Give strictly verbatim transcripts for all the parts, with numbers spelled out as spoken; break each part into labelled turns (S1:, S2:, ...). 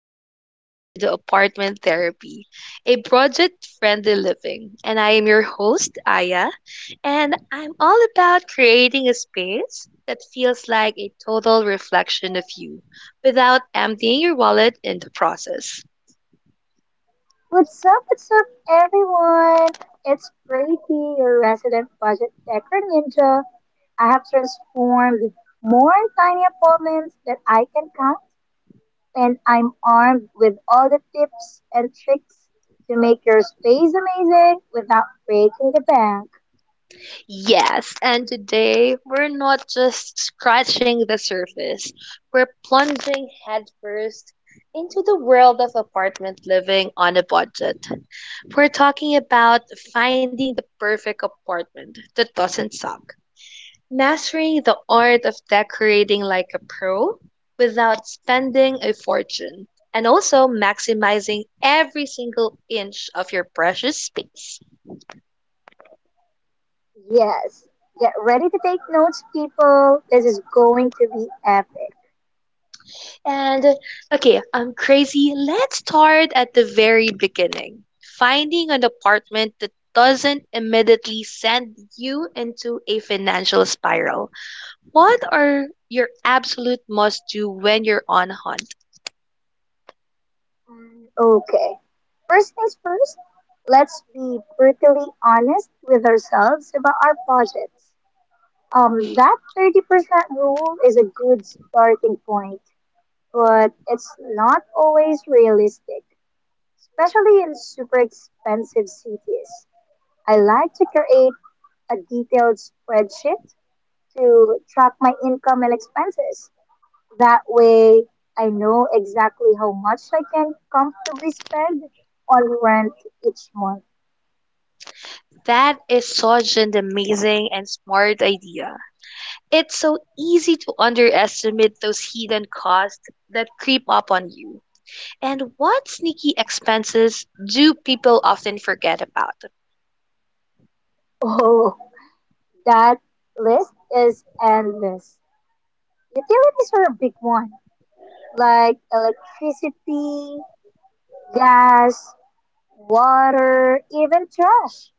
S1: Welcome back to the Apartment Therapy, a project friendly living. And I am your host, Aya, and I'm all about creating a space that feels like a total reflection of you without emptying your wallet in the process.
S2: What's up, what's up, everyone? It's Brady, your resident budget decor ninja. I have transformed more tiny apartments that I can count, and I'm armed with all the tips and tricks to make your space amazing without breaking the bank.
S1: Yes, and today we're not just scratching the surface, we're plunging headfirst into the world of apartment living on a budget. We're talking about finding the perfect apartment that doesn't suck, mastering the art of decorating like a pro without spending a fortune, and also maximizing every single inch of your precious space.
S2: Yes, get ready to take notes, people. This is going to be epic.
S1: And okay, I'm crazy. Let's start at the very beginning. Finding an apartment that doesn't immediately send you into a financial spiral. What are your absolute must do when you're on hunt?
S2: Mm, Okay. First things first, let's be brutally honest with ourselves about our projects. Um, that thirty percent rule is a good starting point, but it's not always realistic, especially in super expensive cities. I like to create a detailed spreadsheet to track my income and expenses. That way, I know exactly how much I can comfortably spend on rent each month.
S1: That is such an amazing and smart idea. It's so easy to underestimate those hidden costs that creep up on you. And what sneaky expenses do people often forget about?
S2: Oh, that list is endless. Utilities are a big one, like electricity, gas, water, even trash.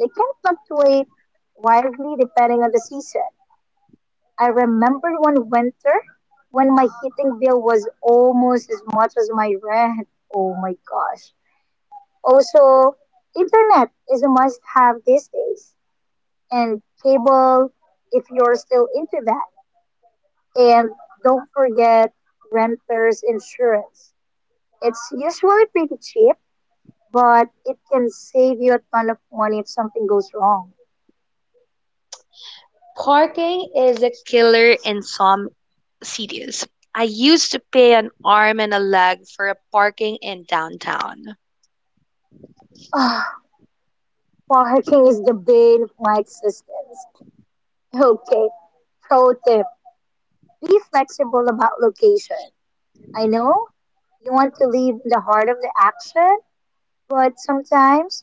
S2: They can fluctuate wildly depending on the season. I remember one winter when my heating bill was almost as much as my rent. Oh my gosh. Also, internet is a must have these days, and cable if you're still into that. And don't forget renter's insurance. It's usually pretty cheap, but it can save you a ton of money if something goes wrong.
S1: Parking is a killer in some cities. I used to pay an arm and a leg for a parking in downtown.
S2: Ah, parking is the bane of my existence. Okay, pro tip, be flexible about location. I know you want to live in the heart of the action, but sometimes,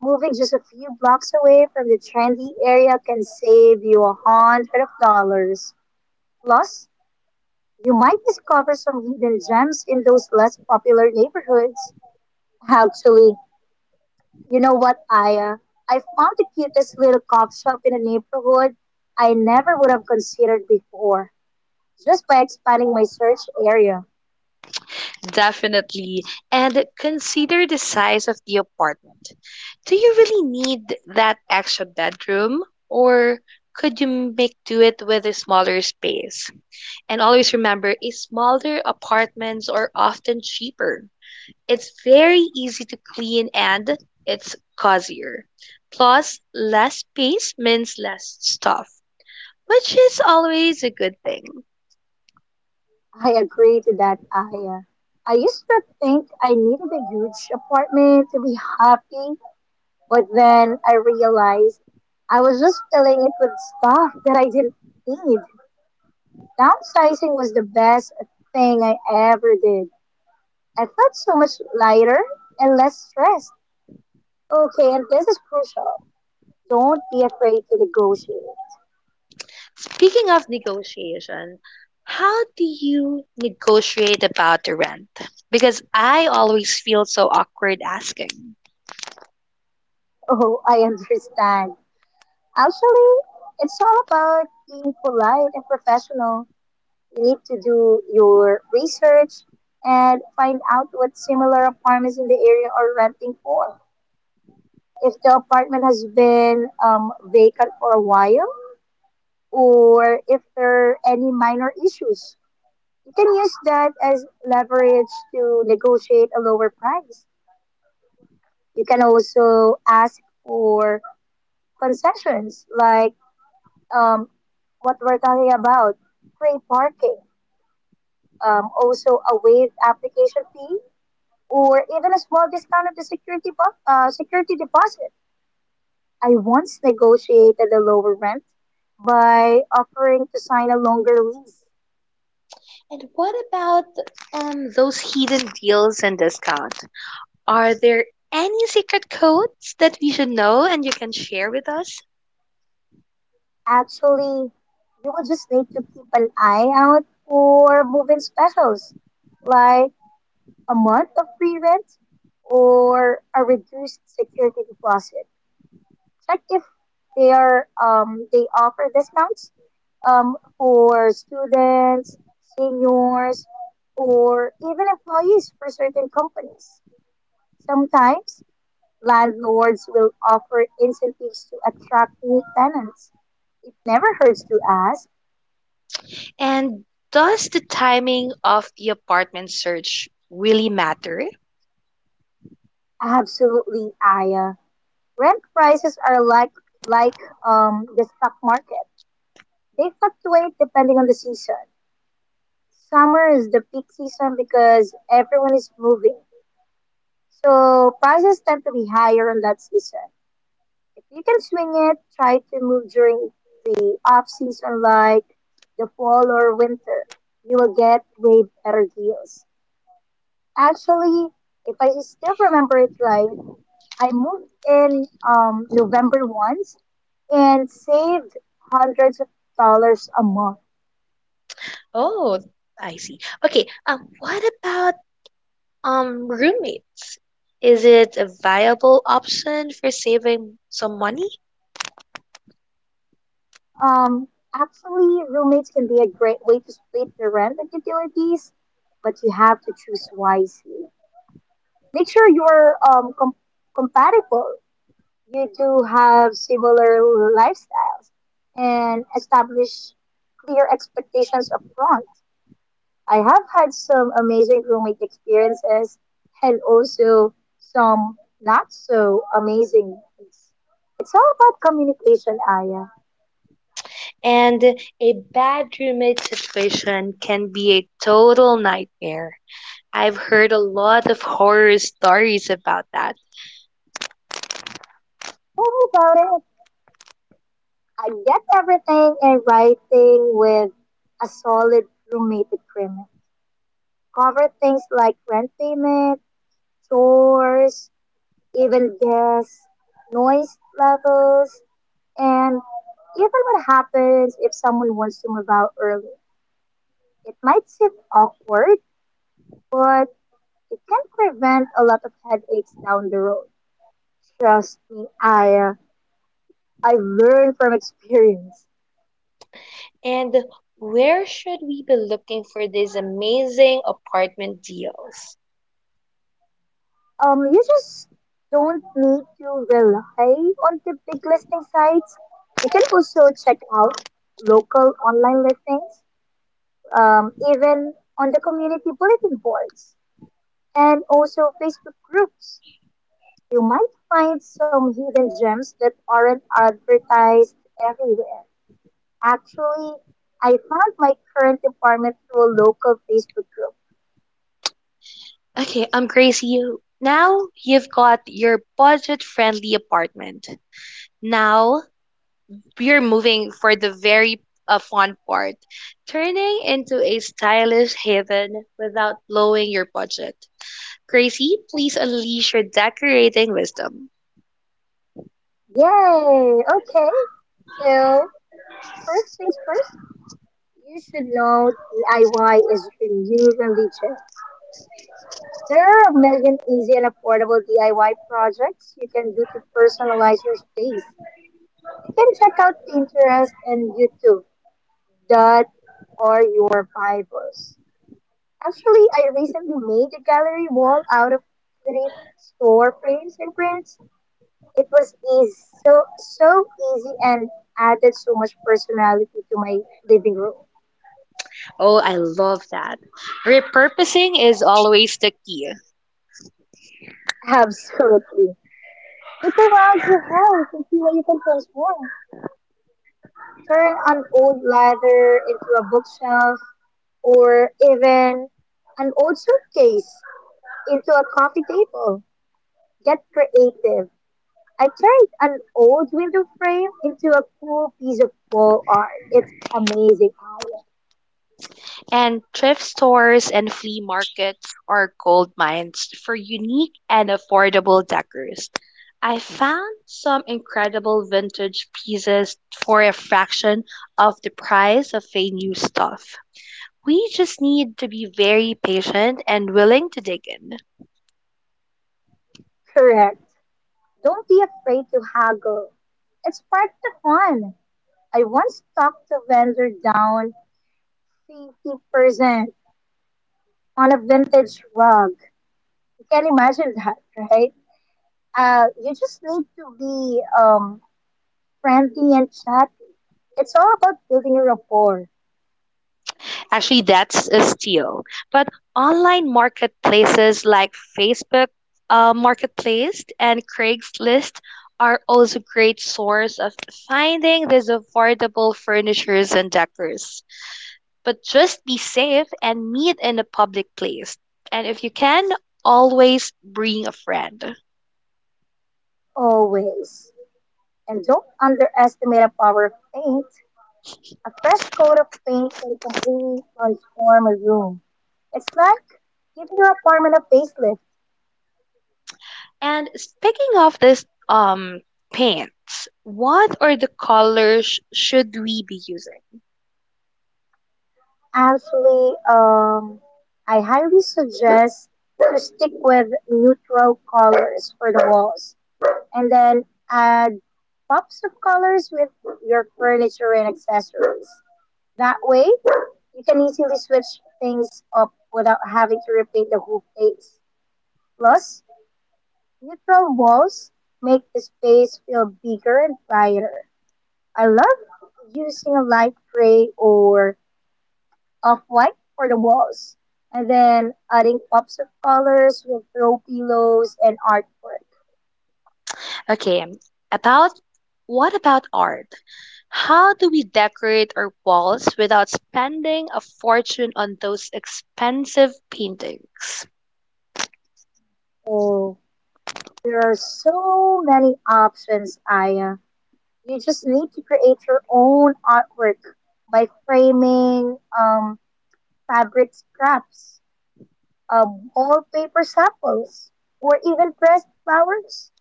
S2: moving just a few blocks away from the trendy area can save you a hundred of dollars. Plus, you might discover some hidden gems in those less popular neighborhoods. Actually, you know what, Aya? I found the cutest little cop shop in a neighborhood I never would have considered before, just by expanding my search area.
S1: Definitely. And consider the size of the apartment. Do you really need that extra bedroom? Or could you make do it with a smaller space? And always remember, a smaller apartments are often cheaper. It's very easy to clean and it's cozier. Plus, less space means less stuff, which is always a good thing.
S2: I agree to that, Aya. I used to think I needed a huge apartment to be happy, but then I realized I was just filling it with stuff that I didn't need. Downsizing was the best thing I ever did. I felt so much lighter and less stressed. Okay, and this is crucial. Don't be afraid to negotiate.
S1: Speaking of negotiation, how do you negotiate about the rent? Because I always feel so awkward asking.
S2: Oh, I understand. Actually, it's all about being polite and professional. You need to do your research and find out what similar apartments in the area are renting for, if the apartment has been um, vacant for a while or if there are any minor issues. You can use that as leverage to negotiate a lower price. You can also ask for concessions like, um, what we're talking about, free parking, um, also a waived application fee, or even a small discount of the security, bo- uh, security deposit. I once negotiated a lower rent by offering to sign a longer lease.
S1: And what about um, those hidden deals and discounts? Are there any secret codes that we should know and you can share with us?
S2: Actually, you would just need to keep an eye out for moving specials, like a month of free rent or a reduced security deposit. Check if they are um, they offer discounts um, for students, seniors, or even employees for certain companies. Sometimes landlords will offer incentives to attract new tenants. It never hurts to ask.
S1: And does the timing of the apartment search really matter?
S2: Absolutely, Aya. Rent prices are like like um the stock market. They fluctuate depending on the season. Summer is the peak season because everyone is moving. So prices tend to be higher on that season. If you can swing it, try to move during the off season, like the fall or winter. You will get way better deals. Actually, if I still remember it right, I moved in um, November once and saved hundreds of dollars a month.
S1: Oh, I see. Okay, um, what about um roommates? Is it a viable option for saving some money?
S2: Um, Actually, roommates can be a great way to split the rent and utilities, but you have to choose wisely. Make sure you're um, com- compatible. You do have similar lifestyles and establish clear expectations upfront. I have had some amazing roommate experiences and also some not so amazing ones. It's all about communication, Aya.
S1: And a bad roommate situation can be a total nightmare. I've heard a lot of horror stories about that.
S2: Tell me about it. I get everything in writing with a solid roommate agreement. Cover things like rent payment, chores, even guests, noise levels, and even what happens if someone wants to move out early. It might seem awkward, but it can prevent a lot of headaches down the road. Trust me, I I've learned from experience.
S1: And where should we be looking for these amazing apartment deals?
S2: Um, you just don't need to rely on the big listing sites. You can also check out local online listings, um, even on the community bulletin boards and also Facebook groups. You might find some hidden gems that aren't advertised everywhere. Actually, I found my current department through a local Facebook group.
S1: Okay, I'm Gracie. Now you've got your budget friendly apartment. Now we're moving for the very uh, fun part turning into a stylish haven without blowing your budget. Gracie, please unleash your decorating wisdom.
S2: Yay! Okay, so first things first, you should know D I Y is your new religion. There are a million easy and affordable D I Y projects you can do to personalize your space. You can check out Pinterest and YouTube. That are your Bibles. Actually, I recently made a gallery wall out of three store frames and prints. It was easy, so so easy, and added so much personality to my living room.
S1: Oh, I love that. Repurposing is always the key.
S2: Absolutely. Look around your house and see what you can transform. Turn an old ladder into a bookshelf, or even an old suitcase into a coffee table. Get creative. I turned an old window frame into a cool piece of wall art. It's amazing, Aya.
S1: And thrift stores and flea markets are gold mines for unique and affordable decors. I found some incredible vintage pieces for a fraction of the price of a new stuff. We just need to be very patient and willing to dig in.
S2: Correct. Don't be afraid to haggle. It's part of the fun. I once talked the vendor down fifty percent on a vintage rug. You can imagine that, right? Uh, you just need to be um, friendly and chatty. It's all about building a rapport,
S1: Actually, that's a steal. But online marketplaces like Facebook uh, Marketplace and Craigslist are also great source of finding these affordable furnitures and decors. But just be safe and meet in a public place. And if you can, always bring a friend.
S2: always. And don't underestimate the power of paint. A fresh coat of paint can completely transform a room. It's like giving your apartment a facelift.
S1: And speaking of this um paints, what are the colors should we be using?
S2: Actually, um, I highly suggest to stick with neutral colors for the walls and then add pops of colors with your furniture and accessories. That way, you can easily switch things up without having to repaint the whole place. Plus, neutral walls make the space feel bigger and brighter. I love using a light gray or of white for the walls, and then adding pops of colors with throw pillows and artwork.
S1: Okay, about what about art? How do we decorate our walls without spending a fortune on those expensive paintings?
S2: Oh, there are so many options, Aya. You just need to create your own artwork by framing um, fabric scraps, um, wallpaper samples, or even pressed flowers.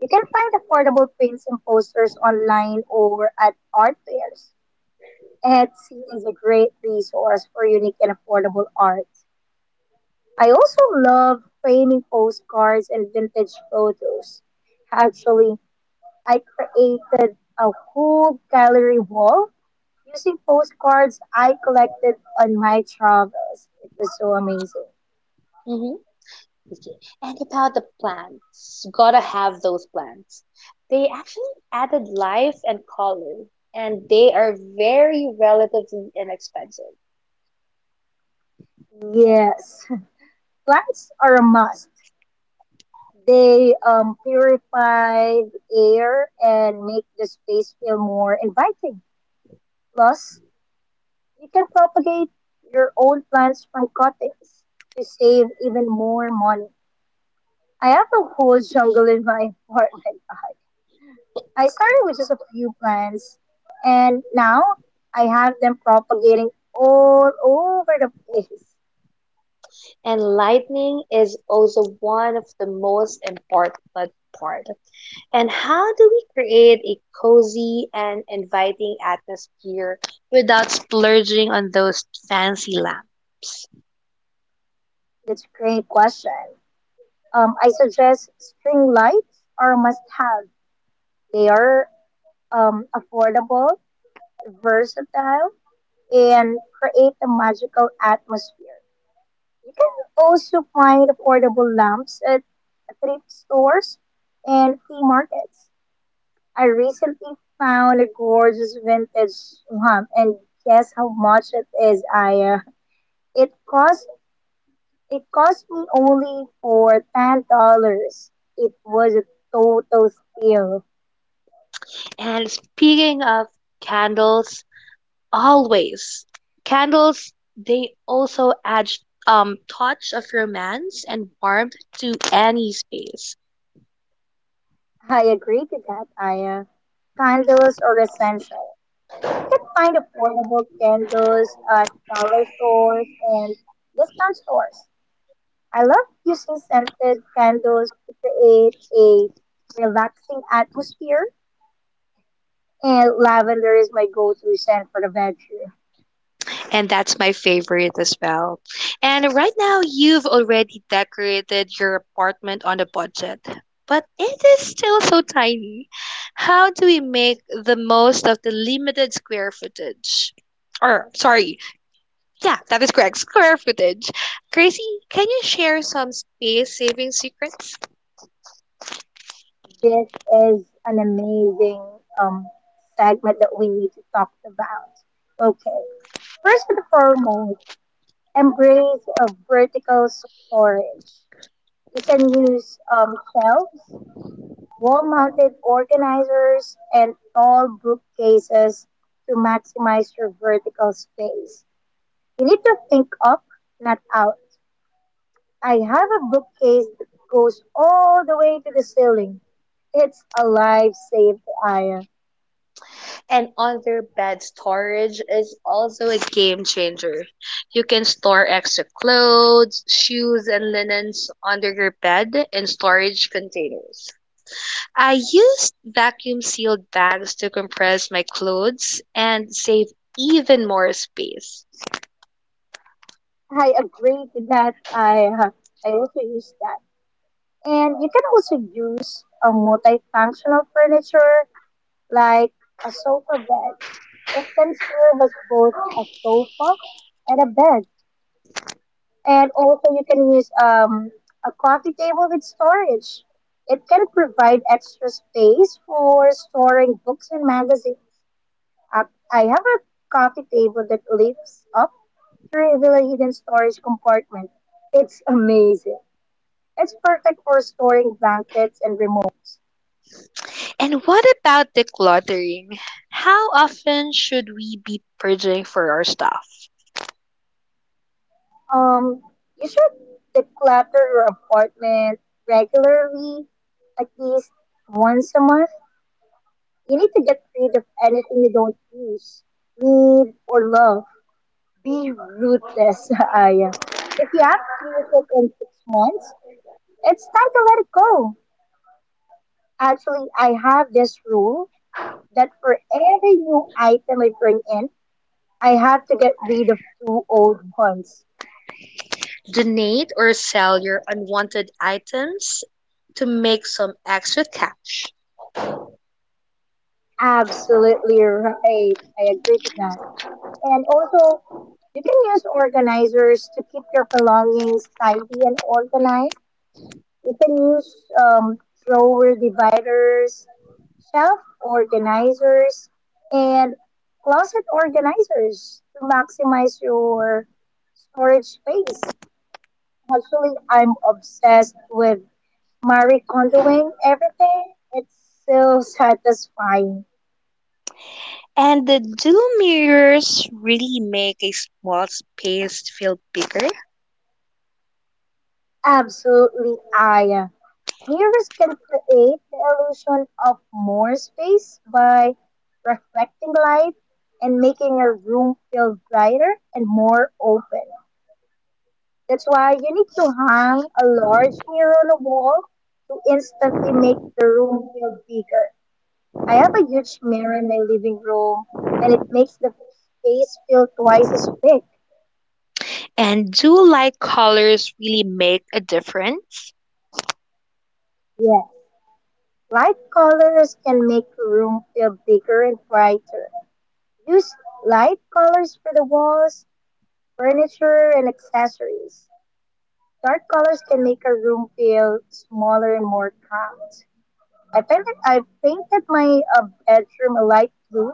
S2: You can find affordable prints and posters online or at art fairs. Etsy is a great resource for unique and affordable art. I also love framing postcards and vintage photos. Actually, I created a whole gallery wall using postcards I collected on my travels. It was so amazing.
S1: Mm-hmm. Okay. And about the plants, gotta have those plants. They actually added life and color, and they are very relatively inexpensive.
S2: Yes, plants are a must. They um, purify the air and make the space feel more inviting. Plus, you can propagate your own plants by cuttings to save even more money. I have a whole jungle in my apartment. I started with just a few plants, and now I have them propagating all over the place.
S1: And lightning is also one of the most important part. And how do we create a cozy and inviting atmosphere without splurging on those fancy lamps?
S2: That's a great question. Um, I suggest string lights are a must-have. They are um, affordable, versatile, and create a magical atmosphere. You can also find affordable lamps at thrift stores and flea markets. I recently found a gorgeous vintage lamp, and guess how much it is, Aya? It cost it cost me only for ten dollars. It was a total steal.
S1: And speaking of candles, always candles they also add um touch of romance and warmth to any space.
S2: I agree to that, Aya. Candles are essential. You can find affordable candles at dollar stores and discount stores. I love using scented candles to create a relaxing atmosphere, and lavender is my go-to scent for the bedroom.
S1: And that's my favorite as well. And right now you've already decorated your apartment on a budget. But it is still so tiny. How do we make the most of the limited square footage? Or sorry, yeah, that is correct. Square footage. Gracie, can you share some space saving secrets?
S2: This is an amazing um, segment that we need to talk about. Okay, first and foremost, embrace a vertical storage. You can use um, shelves, wall-mounted organizers, and tall bookcases to maximize your vertical space. You need to think up, not out. I have a bookcase that goes all the way to the ceiling. It's a lifesaver, Aya.
S1: And under bed storage is also a game changer. You can store extra clothes, shoes, and linens under your bed in storage containers. I used vacuum sealed bags to compress my clothes and save even more space.
S2: I agree to that, Aya. I also use that. And you can also use a multifunctional furniture like a sofa bed. It can serve as both a sofa and a bed. And also you can use um, a coffee table with storage. It can provide extra space for storing books and magazines. Uh, I have a coffee table that lifts up to reveal a hidden storage compartment. It's amazing. It's perfect for storing blankets and remotes.
S1: And what about decluttering? How often should we be purging for our stuff?
S2: Um, you should declutter your apartment regularly, at least once a month. You need to get rid of anything you don't use, need, or love. Be ruthless, Aya. If you haven't used it in six months, it's time to let it go. Actually, I have this rule that for every new item I bring in, I have to get rid of two old ones.
S1: Donate or sell your unwanted items to make some extra cash.
S2: Absolutely right. I agree to that. And also, you can use organizers to keep your belongings tidy and organized. You can use um, flower dividers, shelf organizers, and closet organizers to maximize your storage space. Actually, I'm obsessed with Marie Kondoing everything. It's so satisfying.
S1: And the dual mirrors really make a small space feel bigger.
S2: Absolutely, Aya. Mirrors can create the illusion of more space by reflecting light and making a room feel brighter and more open. That's why you need to hang a large mirror on a wall to instantly make the room feel bigger. I have a huge mirror in my living room, and it makes the space feel twice as big.
S1: And do light colors really make a difference?
S2: Yeah. Light colors can make the room feel bigger and brighter. Use light colors for the walls, furniture, and accessories. Dark colors can make a room feel smaller and more calm. I painted, I painted my uh, bedroom a light blue,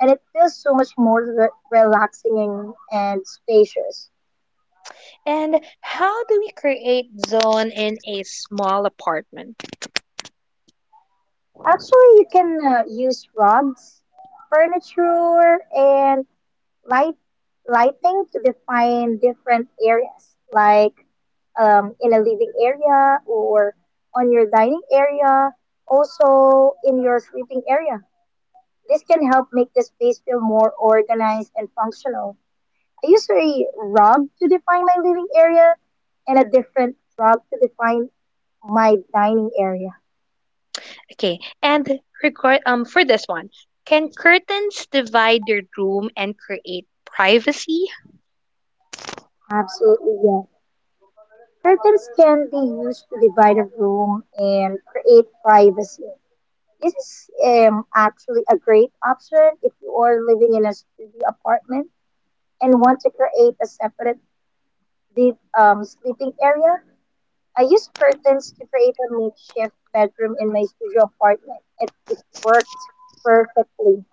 S2: and it feels so much more re- relaxing and, and spacious.
S1: And how do we create zone in a small apartment?
S2: Actually, you can uh, use rugs, furniture, and light lighting to define different areas, like um, in a living area, or on your dining area, also in your sleeping area. This can help make the space feel more organized and functional. I use a rug to define my living area and a different rug to define my dining area.
S1: Okay, and record um for this one, can curtains divide your room and create privacy?
S2: Absolutely, yeah. Curtains can be used to divide a room and create privacy. This is um, actually a great option if you are living in a studio apartment and want to create a separate, deep, um, sleeping area. I use curtains to create a makeshift bedroom in my studio apartment, and it worked perfectly.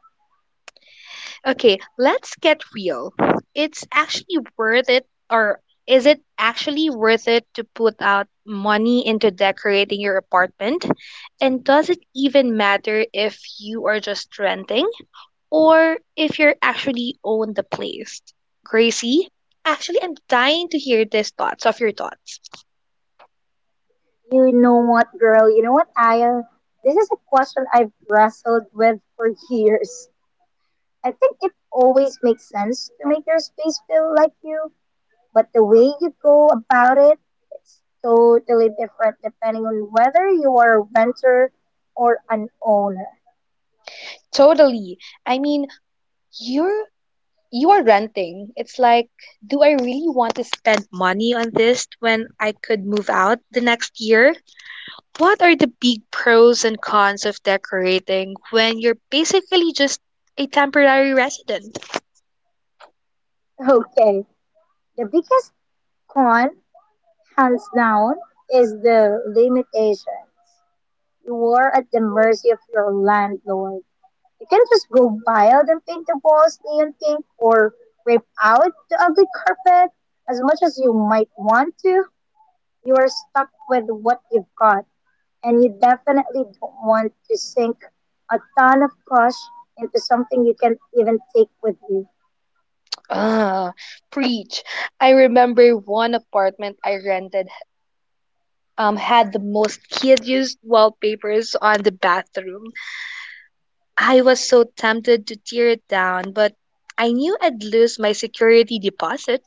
S1: Okay, let's get real. It's actually worth it, or is it actually worth it to put out money into decorating your apartment? And does it even matter if you are just renting? Or if you're actually own the place. Gracie, actually, I'm dying to hear these thoughts of your thoughts.
S2: You know what, girl? You know what, Aya? This is a question I've wrestled with for years. I think it always makes sense to make your space feel like you, but the way you go about it, it's totally different depending on whether you are a renter or an owner.
S1: Totally. I mean, you're you are renting. It's like, do I really want to spend money on this when I could move out the next year? What are the big pros and cons of decorating when you're basically just a temporary resident?
S2: Okay, the biggest con, hands down, is the limitation. You are at the mercy of your landlord. You can just go wild and paint the walls neon pink, or rip out the ugly carpet. As much as you might want to, you are stuck with what you've got, and you definitely don't want to sink a ton of cash into something you can't even take with you.
S1: Ah, preach. I remember one apartment I rented um had the most hideous wallpapers on the bathroom. I was so tempted to tear it down, but I knew I'd lose my security deposit.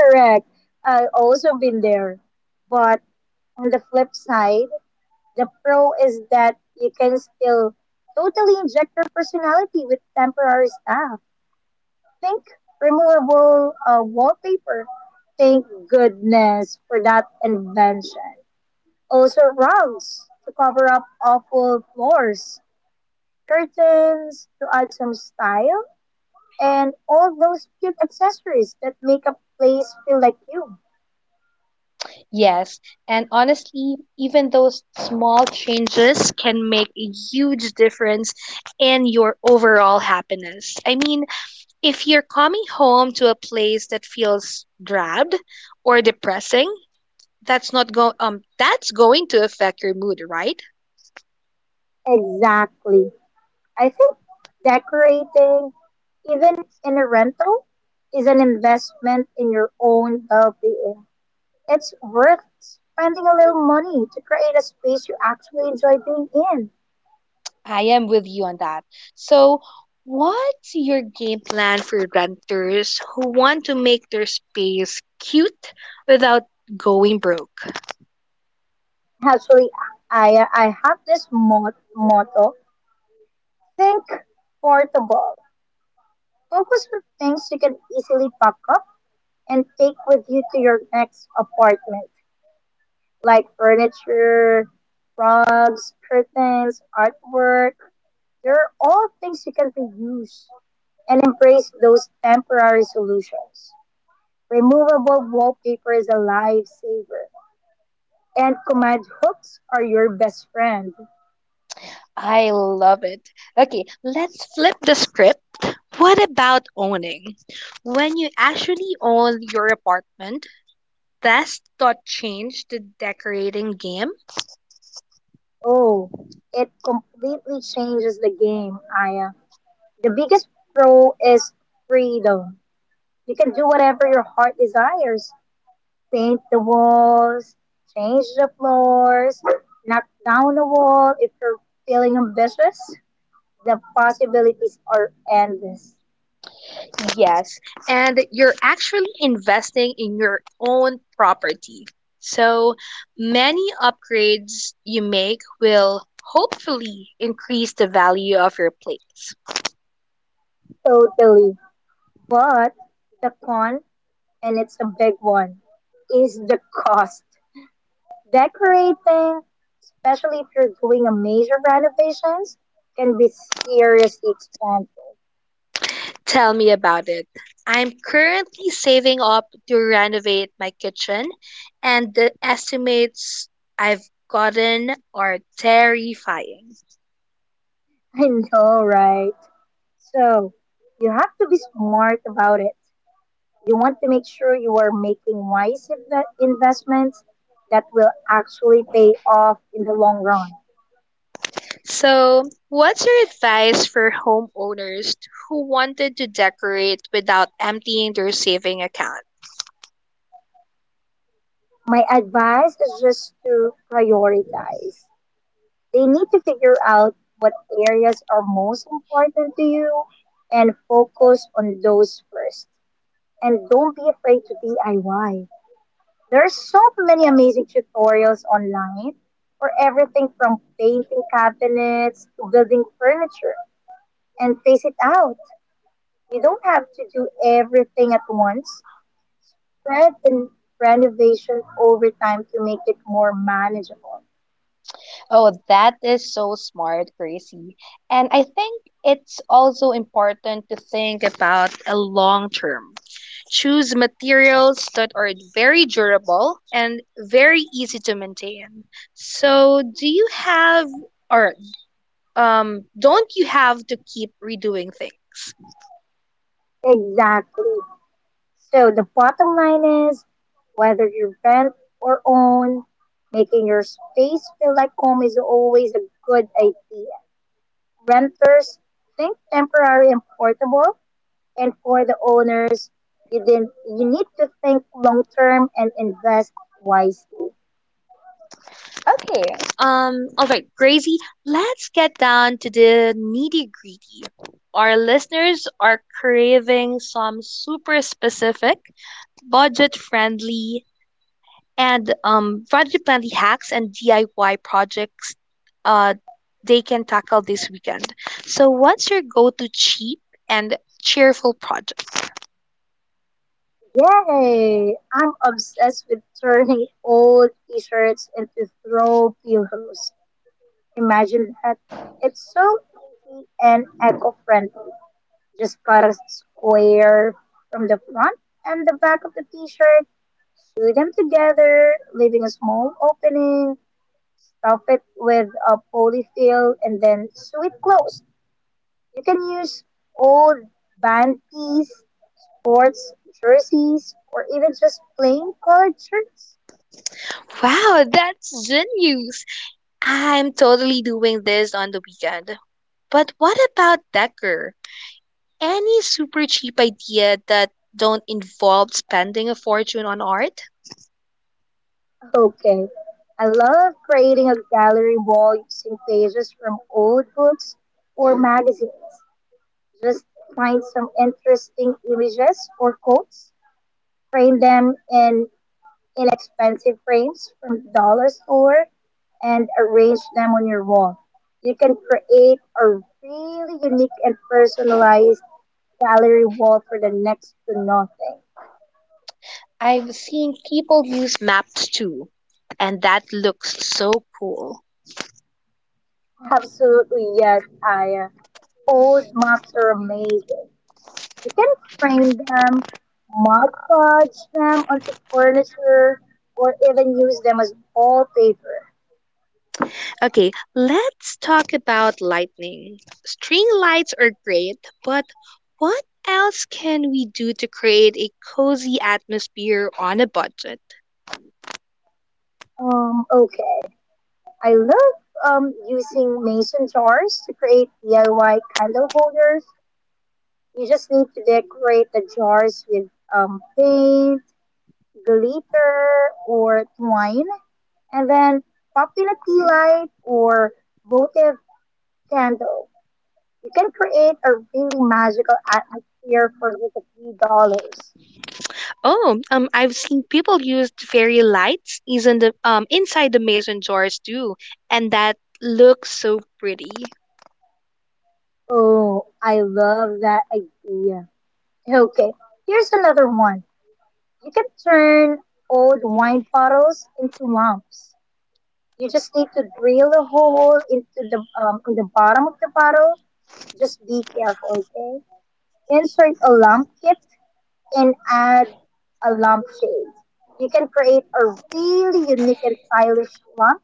S2: Correct. I also been there. But on the flip side, the pro is that you can still totally inject your personality with temporary stuff. Think removable uh, wallpaper. Thank goodness for that invention. Also rugs to cover up awful floors, curtains to add some style, and all those cute accessories that make a place feel like you.
S1: Yes, and honestly, even those small changes can make a huge difference in your overall happiness. I mean, if you're coming home to a place that feels drab or depressing, that's not go um that's going to affect your mood, right?
S2: Exactly. I think decorating, even in a rental, is an investment in your own well being. It's worth spending a little money to create a space you actually enjoy being in.
S1: I am with you on that. So, what's your game plan for renters who want to make their space cute without going broke?
S2: Actually, I, I have this mot- motto: think portable. Focus on things you can easily pack up and take with you to your next apartment, like furniture, rugs, curtains, artwork. They're all things you can reuse, and embrace those temporary solutions. Removable wallpaper is a lifesaver, and command hooks are your best friend.
S1: I love it. Okay, let's flip the script. What about owning? When you actually own your apartment, does that change the decorating game?
S2: Oh, it completely changes the game, Aya. The biggest pro is freedom. You can do whatever your heart desires: paint the walls, change the floors, knock down a wall if you're feeling ambitious. The possibilities are endless,
S1: Yes, and you're actually investing in your own property. So many upgrades you make will hopefully increase the value of your place.
S2: totally. But the con, and it's a big one, is the cost. Decorating, especially if you're doing a major renovations, can be seriously expensive.
S1: Tell me about it. I'm currently saving up to renovate my kitchen, and the estimates I've gotten are terrifying.
S2: I know, right? So you have to be smart about it. You want to make sure you are making wise investments that will actually pay off in the long run.
S1: So, what's your advice for homeowners who wanted to decorate without emptying their saving account?
S2: My advice is just to prioritize. They need to figure out what areas are most important to you and focus on those first. And don't be afraid to D I Y. There are so many amazing tutorials online for everything from painting cabinets to building furniture. And face it out. You don't have to do everything at once. Spread in renovation over time to make it more manageable.
S1: Oh, that is so smart, Gracie. And I think it's also important to think about a long term. Choose materials that are very durable and very easy to maintain. So, do you have or um don't you have to keep redoing things?
S2: Exactly. So the bottom line is, whether you rent or own, making your space feel like home is always a good idea. Renters, think temporary and portable, and for the owners, you, didn't, you need to think long term and invest wisely.
S1: Okay, Um, all right, Gracie, let's get down to the nitty gritty. Our listeners are craving some super specific budget friendly and um, budget friendly hacks and D I Y projects uh, they can tackle this weekend. So, what's your go to cheap and cheerful project?
S2: Yay! I'm obsessed with turning old t-shirts into throw pillows. Imagine that. It's so easy and eco-friendly. Just cut a square from the front and the back of the t-shirt, sew them together, leaving a small opening, stuff it with a polyfill, and then sew it closed. You can use old band piece, sports jerseys, or even just plain colored shirts?
S1: Wow, that's genius! I'm totally doing this on the weekend. But what about Decker? Any super cheap idea that don't involve spending a fortune on art?
S2: Okay. I love creating a gallery wall using pages from old books or magazines. Just find some interesting images or quotes, frame them in inexpensive frames from the dollar store, and arrange them on your wall. You can create a really unique and personalized gallery wall for the next to nothing.
S1: I've seen people use maps too, and that looks so cool.
S2: Absolutely, yes, Aya. Old maps are amazing. You can frame them, mod podge them onto furniture, or even use them as wallpaper.
S1: Okay, let's talk about lightning. String lights are great, but what else can we do to create a cozy atmosphere on a budget?
S2: Um, okay. I love um using mason jars to create D I Y candle holders. You just need to decorate the jars with um paint, glitter, or twine, and then popular tea light or votive candles. You can create a really magical atmosphere for just a few dollars.
S1: Oh, um, I've seen people use fairy lights is in the, um, inside the mason jars too, and that looks so pretty.
S2: Oh, I love that idea. Okay, here's another one. You can turn old wine bottles into lamps. You just need to drill a hole into the um, in the bottom of the bottle. Just be careful, okay? Insert a lamp kit and add a lampshade. You can create a really unique and stylish lamp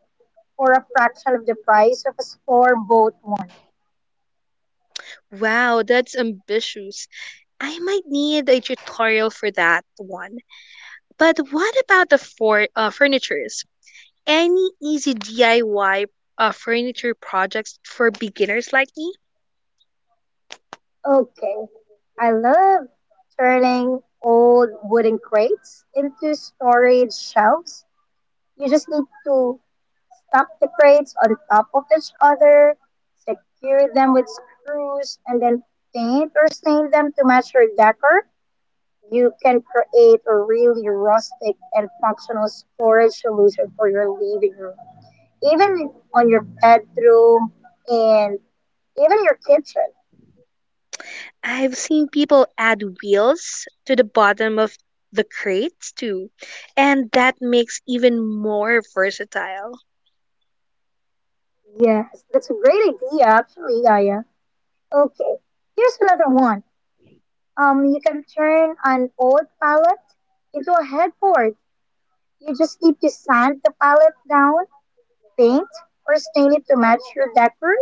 S2: for a fraction of the price of a store-bought one.
S1: Wow, that's ambitious. I might need a tutorial for that one. But what about the for, uh, furnitures? Any easy D I Y uh, furniture projects for beginners like me?
S2: Okay. I love turning old wooden crates into storage shelves. You just need to stack the crates on top of each other, secure them with screws, and then paint or stain them to match your decor. You can create a really rustic and functional storage solution for your living room, even on your bedroom, and even your kitchen.
S1: I've seen people add wheels to the bottom of the crates too, and that makes even more versatile.
S2: Yes, that's a great idea, actually, Yaya. Okay, here's another one. Um, you can turn an old pallet into a headboard. You just need to sand the pallet down, paint or stain it to match your decor,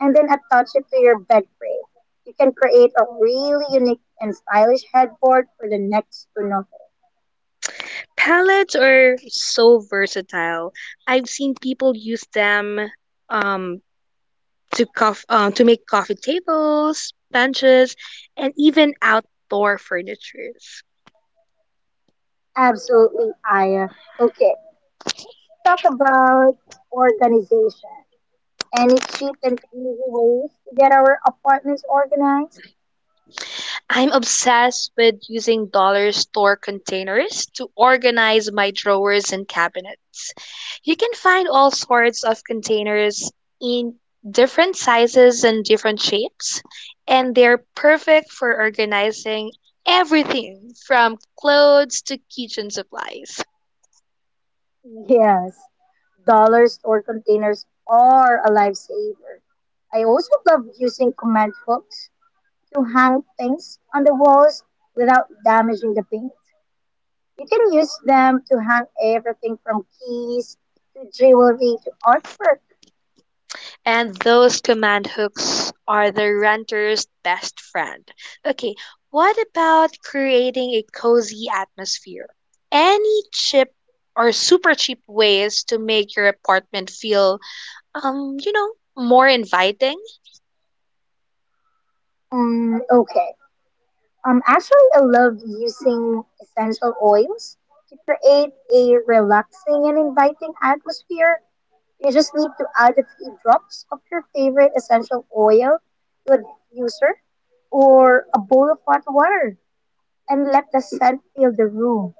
S2: and then attach it to your bed frame. You can create a really unique and stylish headboard for the next to nothing.
S1: Pallets are so versatile. I've seen people use them um, to cof- uh, to make coffee tables, benches, and even outdoor furnitures.
S2: Absolutely, Aya. Okay, talk about organization. Any cheap and easy ways to get our apartments organized?
S1: I'm obsessed with using dollar store containers to organize my drawers and cabinets. You can find all sorts of containers in different sizes and different shapes, and they're perfect for organizing everything from clothes to kitchen supplies.
S2: Yes, dollars or containers are a lifesaver. I also love using command hooks to hang things on the walls without damaging the paint. You can use them to hang everything from keys to jewelry to artwork.
S1: And those command hooks are the renter's best friend. Okay, what about creating a cozy atmosphere? Any cheap or super cheap ways to make your apartment feel, um, you know, more inviting?
S2: Mm, okay. Um, actually, I love using essential oils to create a relaxing and inviting atmosphere. You just need to add a few drops of your favorite essential oil to a diffuser or a bowl of hot water and let the scent fill the room.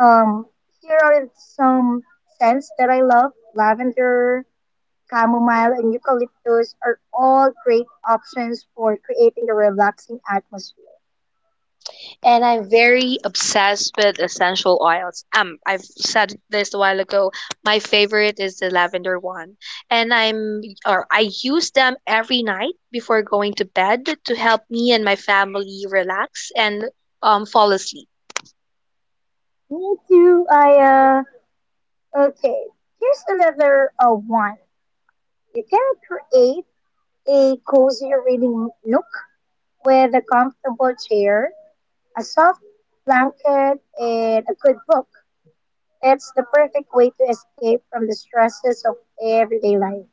S2: Um, Here are some scents that I love: lavender, chamomile, and eucalyptus are all great options for creating a relaxing atmosphere.
S1: And I'm very obsessed with essential oils. Um, I've said this a while ago. My favorite is the lavender one, and I'm or I use them every night before going to bed to help me and my family relax and um fall asleep.
S2: Me too, Aya. Okay, here's another uh, one. You can create a cozy reading nook with a comfortable chair, a soft blanket, and a good book. It's the perfect way to escape from the stresses of everyday life.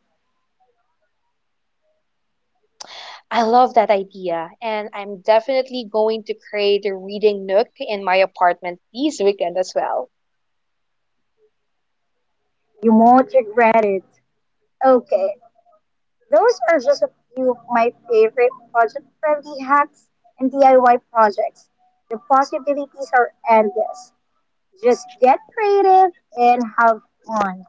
S1: I love that idea, and I'm definitely going to create a reading nook in my apartment this weekend as well.
S2: You won't regret it. Okay, those are just a few of my favorite budget friendly hacks and D I Y projects. The possibilities are endless. Just get creative and have fun.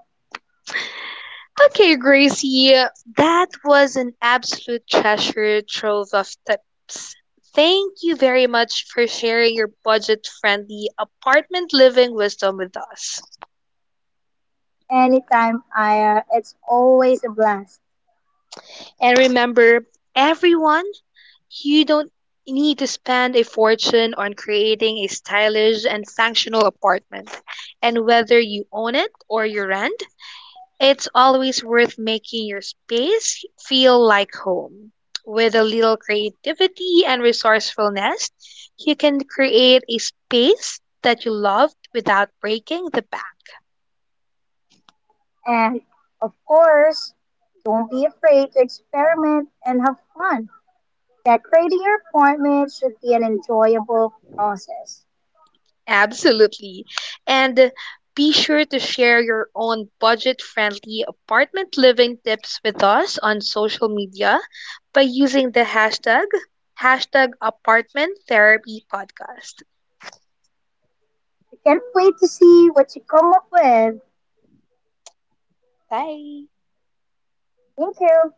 S1: Okay, Gracie, that was an absolute treasure trove of tips. Thank you very much for sharing your budget friendly apartment living wisdom with us.
S2: Anytime, Aya, it's always a blast.
S1: And remember, everyone, you don't need to spend a fortune on creating a stylish and functional apartment. And whether you own it or you rent, it's always worth making your space feel like home. With a little creativity and resourcefulness, you can create a space that you love without breaking the bank.
S2: And of course, don't be afraid to experiment and have fun. Decorating your apartment should be an enjoyable process.
S1: Absolutely. And be sure to share your own budget friendly apartment living tips with us on social media by using the hashtag hashtag apartment therapy podcast.
S2: I can't wait to see what you come up with.
S1: Bye.
S2: Thank you.